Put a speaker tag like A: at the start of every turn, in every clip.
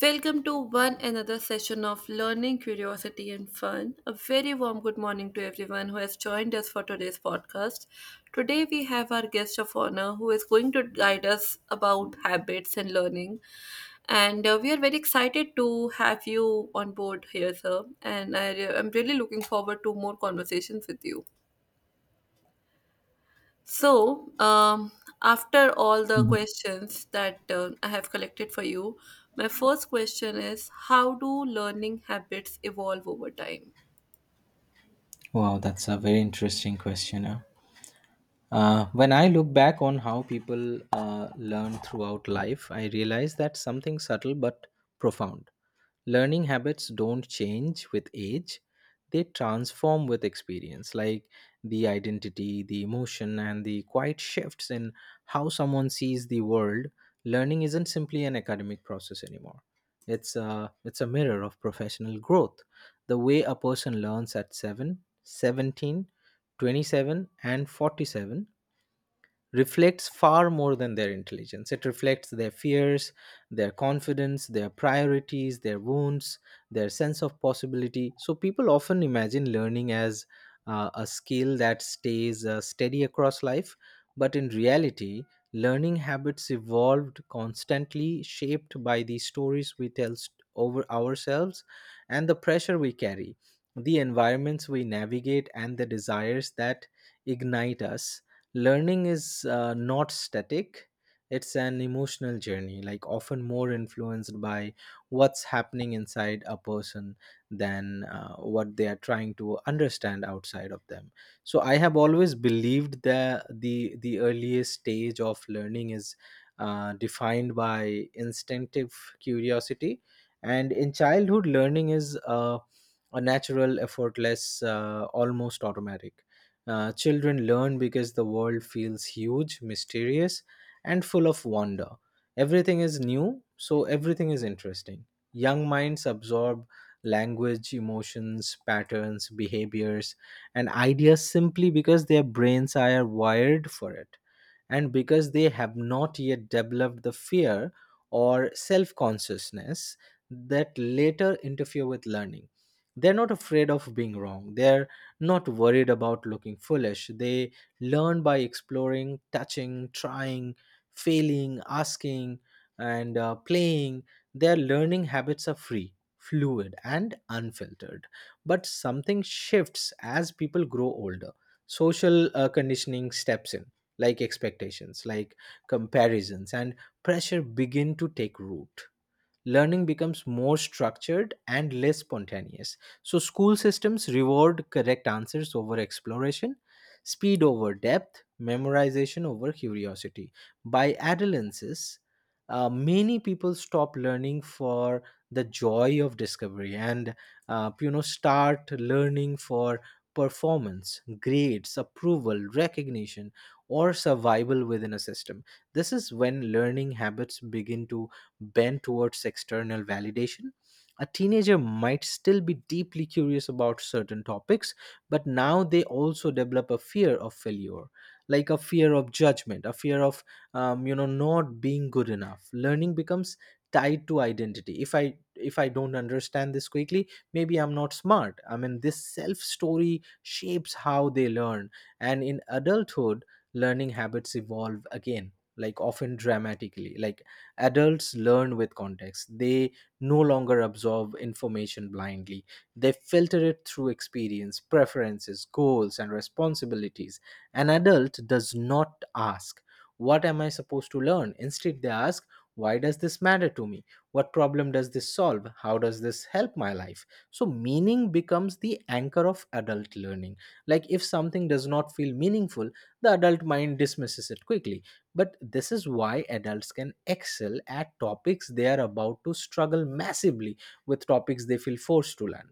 A: Welcome to one another session of Learning, Curiosity, and Fun. A very warm good morning to everyone who has joined us for today's podcast. Today, we have our guest of honor who is going to guide us about habits and learning. And we are very excited to have you on board here, sir. And I'm really looking forward to more conversations with you. So, after all the
B: Mhm.
A: questions that I have collected for you, my first question is how do learning habits evolve over time?
B: Wow, that's a very interesting question, huh? When I look back on how people learn throughout life, I realize that something subtle but profound. Learning habits don't change with age, they transform with experience, like the identity, the emotion, and the quiet shifts in how someone sees the world. Learning isn't simply an academic process anymore, it's a mirror of professional growth. The way a person learns at 7, 17, 27, and 47 reflects far more than their intelligence. It reflects their fears, their confidence, their priorities, their wounds, their sense of possibility. So people often imagine learning as a skill that stays steady across life, but in reality, learning habits evolved constantly, shaped by the stories we tell over ourselves and the pressure we carry. The environments we navigate and the desires that ignite us. Learning is not static, it's an emotional journey, like often more influenced by what's happening inside a person than what they are trying to understand outside of them. So I have always believed that the earliest stage of learning is defined by instinctive curiosity, and in childhood learning is a natural, effortless, almost automatic. Children learn because the world feels huge, mysterious, and full of wonder. Everything is new, so everything is interesting. Young minds absorb language, emotions, patterns, behaviors, and ideas simply because their brains are wired for it and because they have not yet developed the fear or self consciousness that later interfere with learning. They're not afraid of being wrong. They're not worried about looking foolish. They learn by exploring, touching, trying, failing, asking, and playing. Their learning habits are free, fluid, and unfiltered. But something shifts as people grow older. Social conditioning steps in, like expectations, like comparisons, and pressure begin to take root. Learning becomes more structured and less spontaneous. So, school systems reward correct answers over exploration, speed over depth, memorization over curiosity. By adolescence, many people stop learning for the joy of discovery and start learning for performance, grades, approval, recognition, or survival within a system. This is when learning habits begin to bent towards external validation. A teenager might still be deeply curious about certain topics, but now they also develop a fear of failure, like a fear of judgment, a fear of not being good enough. Learning becomes tied to identity. If I don't understand this quickly, maybe I'm not smart. I mean, this self story shapes how they learn, and in adulthood, learning habits evolve again, like often dramatically. Like, adults learn with context. They no longer absorb information blindly. They filter it through experience, preferences, goals, and responsibilities. An adult does not ask, "What am I supposed to learn?" Instead, they ask, "Why does this matter to me? What problem does this solve? How does this help my life?" So, meaning becomes the anchor of adult learning. Like, if something does not feel meaningful, the adult mind dismisses it quickly. But this is why adults can excel at topics they are about to struggle massively with topics they feel forced to learn.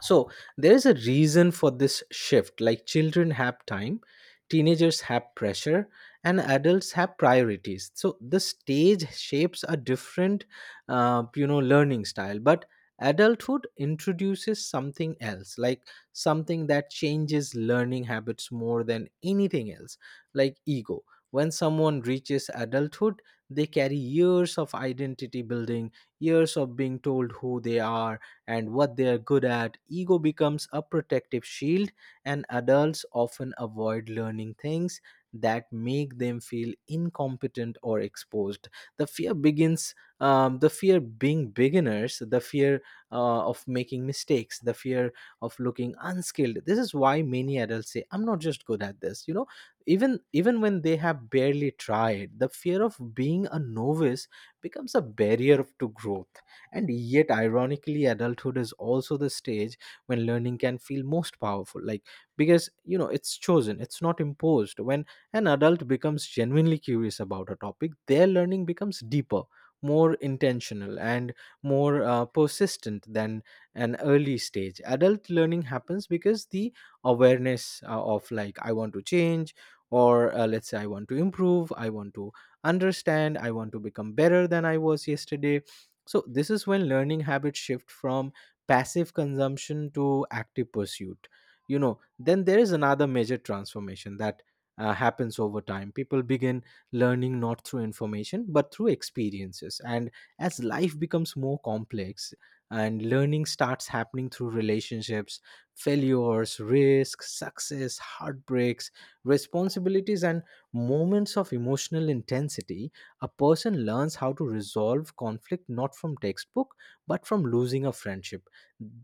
B: So there is a reason for this shift, like children have time, teenagers have pressure, and adults have priorities. So the stage shapes a different learning style. But adulthood introduces something else, like something that changes learning habits more than anything else, like ego. When someone reaches adulthood, they carry years of identity building, years of being told who they are and what they are good at. Ego becomes a protective shield, and adults often avoid learning things that make them feel incompetent or exposed. The fear begins, the fear being beginners, the fear of making mistakes, the fear of looking unskilled. This is why many adults say, "I'm not just good at this." You know, even when they have barely tried, the fear of being a novice becomes a to growth. And yet, ironically, adulthood is also the stage when learning can feel most powerful. Like, because, it's chosen, it's not imposed. When an adult becomes genuinely curious about a topic, their learning becomes deeper, more intentional, and more persistent than an early stage. Adult learning happens because the awareness of, like, "I want to change," or let's say, "I want to improve, I want to understand, I want to become better than I was yesterday." So this is when learning habits shift from passive consumption to active pursuit. You know, then there is another major transformation that happens over time. People begin learning not through information but through experiences. And as life becomes more complex and learning starts happening through relationships, failures, risks, success, heartbreaks, responsibilities, and moments of emotional intensity, a person learns how to resolve conflict not from textbook but from losing a friendship.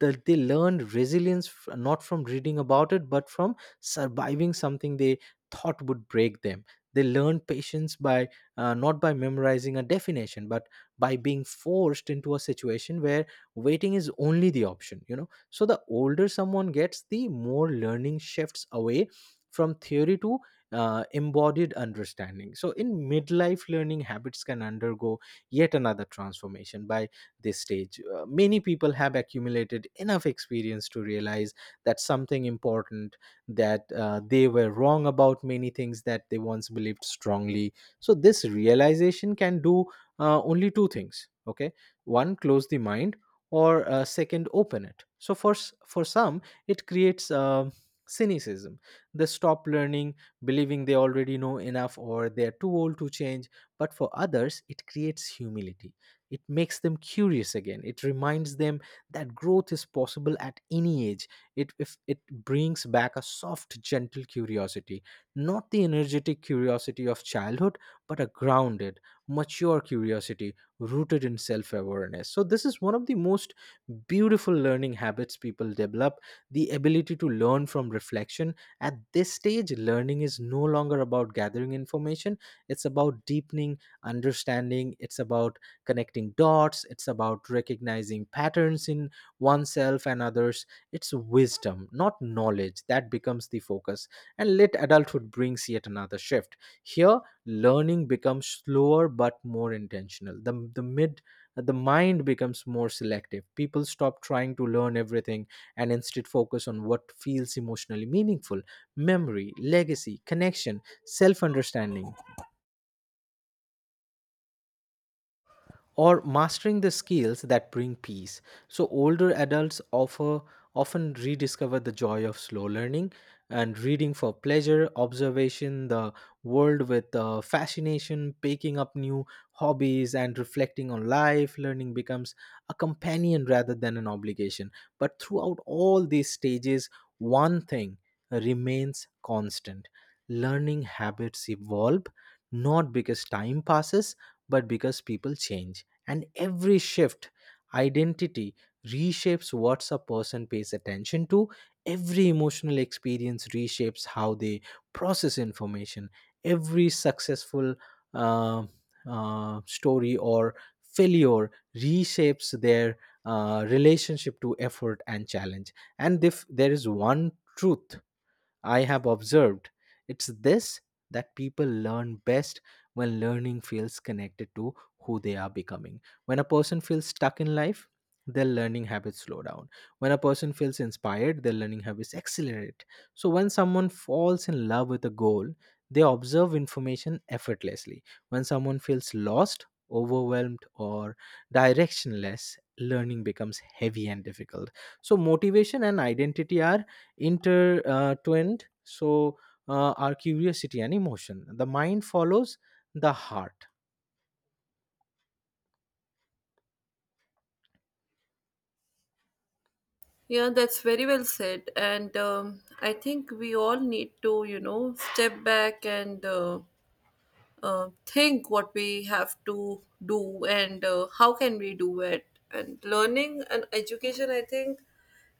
B: That they learn resilience not from reading about it but from surviving something they thought would break them. They learn patience by not by memorizing a definition but by being forced into a situation where waiting is only the option. So the older someone gets, the more learning shifts away from theory to embodied understanding. So, in midlife, learning habits can undergo yet another transformation. By this stage, many people have accumulated enough experience to realize that something important, that they were wrong about many things that they once believed strongly. So, this realization can do only two things. Okay, one, close the mind, or second, open it. So, for some, it creates cynicism. They stop learning, believing they already know enough or they're too old to change. But for others, it creates humility. It makes them curious again. It reminds them that growth is possible at any age. If it brings back a soft, gentle curiosity, not the energetic curiosity of childhood, but a grounded, mature curiosity rooted in self awareness. So, this is one of the most beautiful learning habits people develop, the ability to learn from reflection. At this stage, learning is no longer about gathering information, it's about deepening understanding, it's about connecting dots, it's about recognizing patterns in oneself and others. It's wisdom, not knowledge, that becomes the focus. And late adulthood brings yet another shift. Here, learning becomes slower but more intentional. The mind becomes more selective. People stop trying to learn everything and instead focus on what feels emotionally meaningful: memory, legacy, connection, self understanding, or mastering the skills that bring peace. So older adults offer often rediscover the joy of slow learning and reading for pleasure, observation the world with fascination, picking up new hobbies and reflecting on life. Learning becomes a companion rather than an obligation. But throughout all these stages, one thing remains constant. Learning habits evolve not because time passes but because people change. And every shift, identity reshapes what a person pays attention to. Every emotional experience reshapes how they process information. Every successful uh, story or failure reshapes their relationship to effort and challenge. And if there is one truth I have observed, it's this, that people learn best when learning feels connected to who they are becoming. When a person feels stuck in life, their learning habits slow down. When a person feels inspired, their learning habits accelerate. So, when someone falls in love with a goal, they observe information effortlessly. When someone feels lost, overwhelmed, or directionless, learning becomes heavy and difficult. So, motivation and identity are intertwined, so our curiosity and emotion, the mind follows the heart.
A: Yeah, that's very well said. And I think we all need to, you know, step back and think what we have to do and how can we do it. And learning and education, I think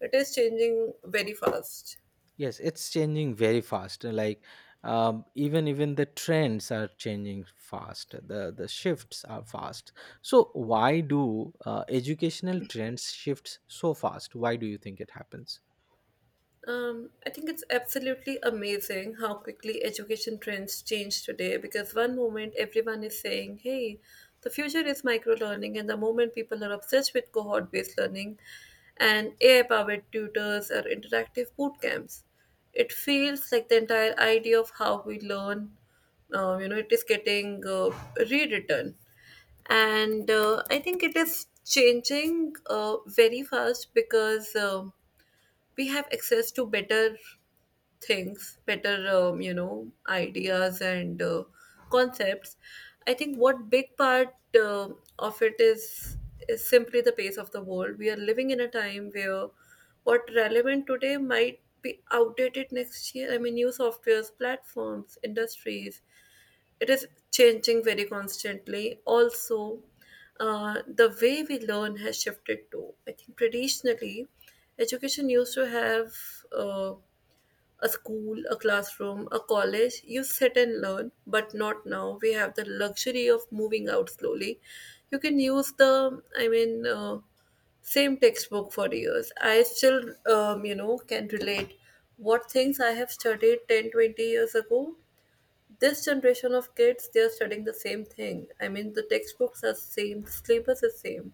A: it is changing very fast.
B: Yes, it's changing very fast, like, even the trends are changing fast, the shifts are fast. So why do educational trends shifts so fast? Why do you think it happens?
A: I think it's absolutely amazing how quickly education trends change today because one moment everyone is saying, hey, the future is micro learning, and the moment people are obsessed with cohort based learning and AI powered tutors or interactive boot camps. It feels like the entire idea of how we learn, it is getting rewritten. And I think it is changing very fast because we have access to better things, better ideas and concepts. I think what big part of it is simply the pace of the world. We are living in a time where what relevant today might be outdated next year. I mean, new softwares, platforms, industries, it is changing very constantly. Also, the way we learn has shifted too. I think traditionally education used to have uh, a school, a classroom, a college, you sit and learn, but not now. We have the luxury of moving out slowly. You can use the, I mean, same textbook for years. I still can relate what things I have studied 10, 20 years ago. This generation of kids, they are studying the same thing. I mean, the textbooks are same, the syllabus is same.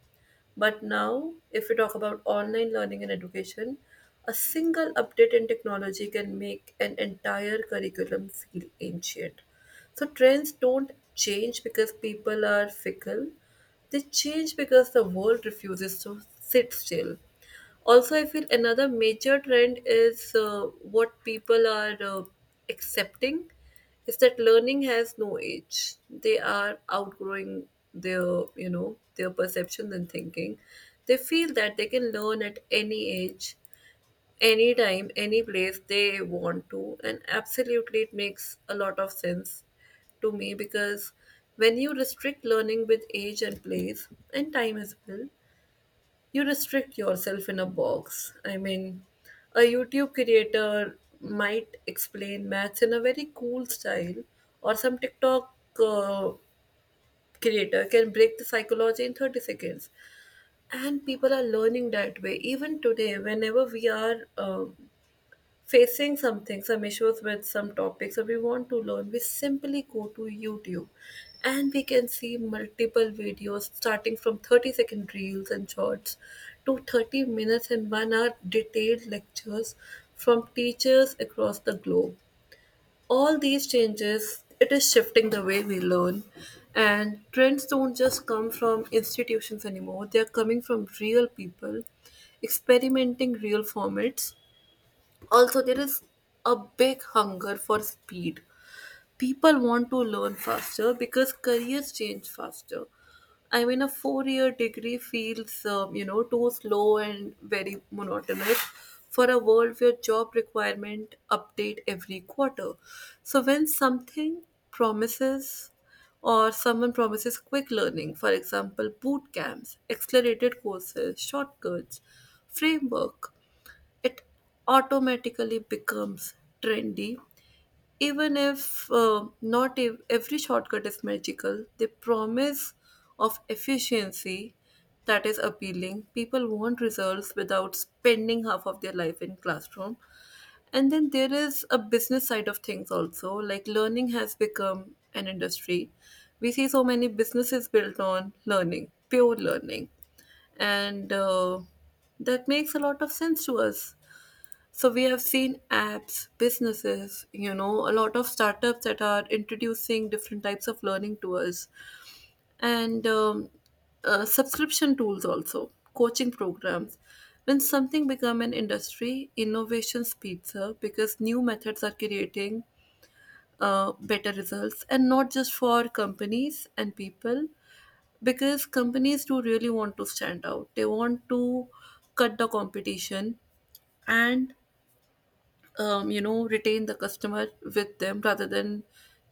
A: But now, if we talk about online learning and education, a single update in technology can make an entire curriculum feel ancient. So trends don't change because people are fickle. They change because the world refuses to sit still. Also, I feel another major trend is what people are accepting is that learning has no age. They are outgrowing their you know their perceptions and thinking. They feel that they can learn at any age, anytime, any place they want to. And absolutely, it makes a lot of sense to me because when you restrict learning with age and place and time as well, you restrict yourself in a box. I mean, a YouTube creator might explain maths in a very cool style, or some TikTok uh, creator can break the psychology in 30 seconds. And people are learning that way. Even today, whenever we are facing something, some issues with some topics that we want to learn, we simply go to YouTube and we can see multiple videos starting from 30-second reels and shorts to 30 minutes and 1 hour detailed lectures from teachers across the globe. All these changes, it is shifting the way we learn. And trends don't just come from institutions anymore, they are coming from real people experimenting real formats. Also, there is a big hunger for speed. People want to learn faster because careers change faster. I mean, a 4 year degree feels too slow and very monotonous for a world where job requirement update every quarter. So when something promises, or someone promises, quick learning, for example boot camps, accelerated courses, shortcuts, framework, it automatically becomes trendy. Even if not every shortcut is magical, the promise of efficiency, that is appealing. People want results without spending half of their life in classroom. And then there is a business side of things also, like learning has become an industry. We see so many businesses built on learning, pure learning, and that makes a lot of sense to us. So we have seen apps, businesses, you know, a lot of startups that are introducing different types of learning to us, and subscription tools also, coaching programs. When something become an industry, innovation speeds up because new methods are creating better results, and not just for companies and people, because companies do really want to stand out. They want to cut the competition and retain the customer with them rather than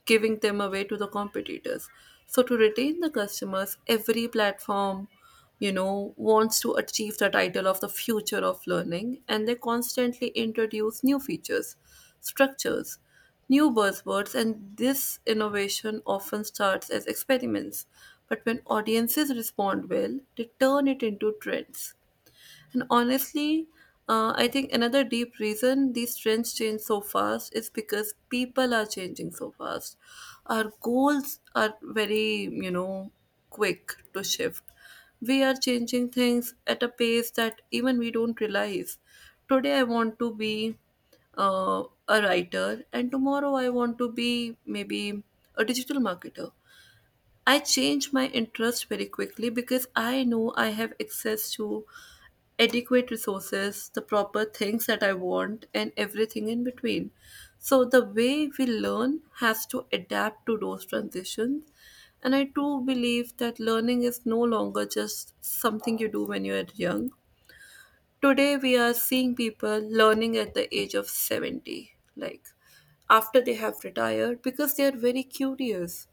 A: giving them away to the competitors. So to retain the customers, every platform wants to achieve the title of the future of learning, and they constantly introduce new features, structures, new buzzwords. And this innovation often starts as experiments, but when audiences respond well, they turn it into trends. And honestly, I think another deep reason these trends change so fast is because people are changing so fast. Our goals are very, quick to shift. We are changing things at a pace that even we don't realize. Today, I want to be a writer, and tomorrow, I want to be maybe a digital marketer. I change my interest very quickly because I know I have access to adequate resources, the proper things that I want, and everything in between. So, the way we learn has to adapt to those transitions. And I do believe that learning is no longer just something you do when you are young. Today, we are seeing people learning at the age of 70, like after they have retired, because they are very curious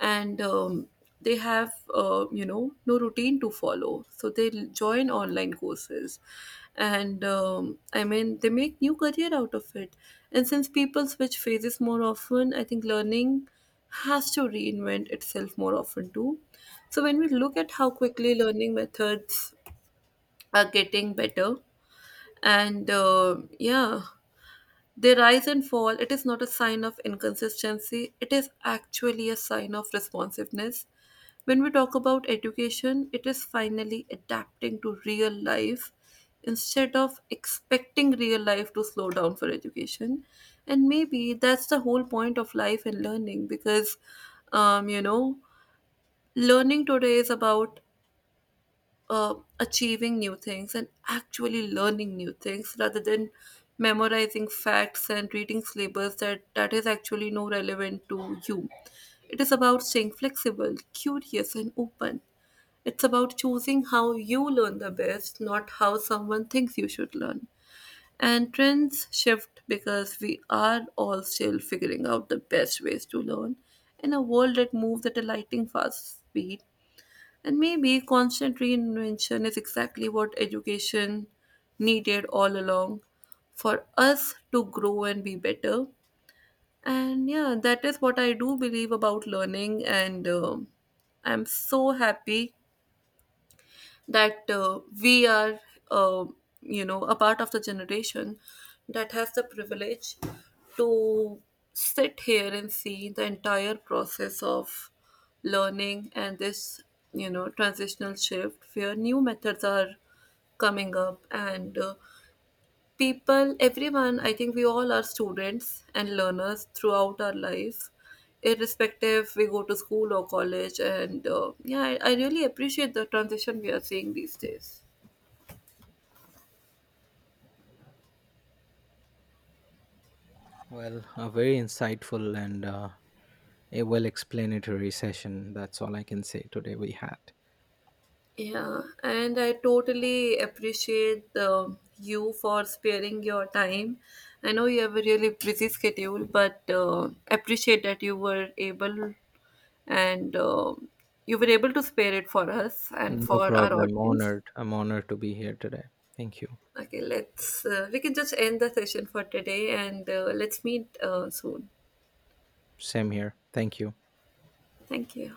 A: and they have, no routine to follow. So they join online courses. And I mean, they make new career out of it. And since people switch phases more often, I think learning has to reinvent itself more often too. So when we look at how quickly learning methods are getting better, and yeah, they rise and fall, it is not a sign of inconsistency. It is actually a sign of responsiveness. When we talk about education, it is finally adapting to real life instead of expecting real life to slow down for education. And maybe that's the whole point of life and learning, because um, you know learning today is about uh, achieving new things and actually learning new things rather than memorizing facts and reading syllabus that is actually no relevant to you. It is about staying flexible, curious, and open. It's about choosing how you learn the best, not how someone thinks you should learn. And trends shift because we are all still figuring out the best ways to learn. In a world that moves at a lightning fast speed, and maybe constant reinvention is exactly what education needed all along for us to grow and be better. And yeah, that is what I do believe about learning. And I'm so happy that we are, uh, a part of the generation that has the privilege to sit here and see the entire process of learning, and this, you know, transitional shift where new methods are coming up and people, everyone, I think we all are students and learners throughout our life, irrespective we go to school or college. And yeah, I really appreciate the transition we are seeing these days.
B: Well, a very insightful and a well explanatory session, that's all I can say today we had.
A: Yeah, and I totally appreciate you for sparing your time. I know you have a really busy schedule, but appreciate that you were able, and you were able to spare it for us and
B: No
A: for our
B: problem.
A: audience.
B: Honored. I'm honored to be here today. Thank you.
A: Okay, let's. We can just end the session for today, and let's meet soon.
B: Same here. Thank you.
A: Thank you.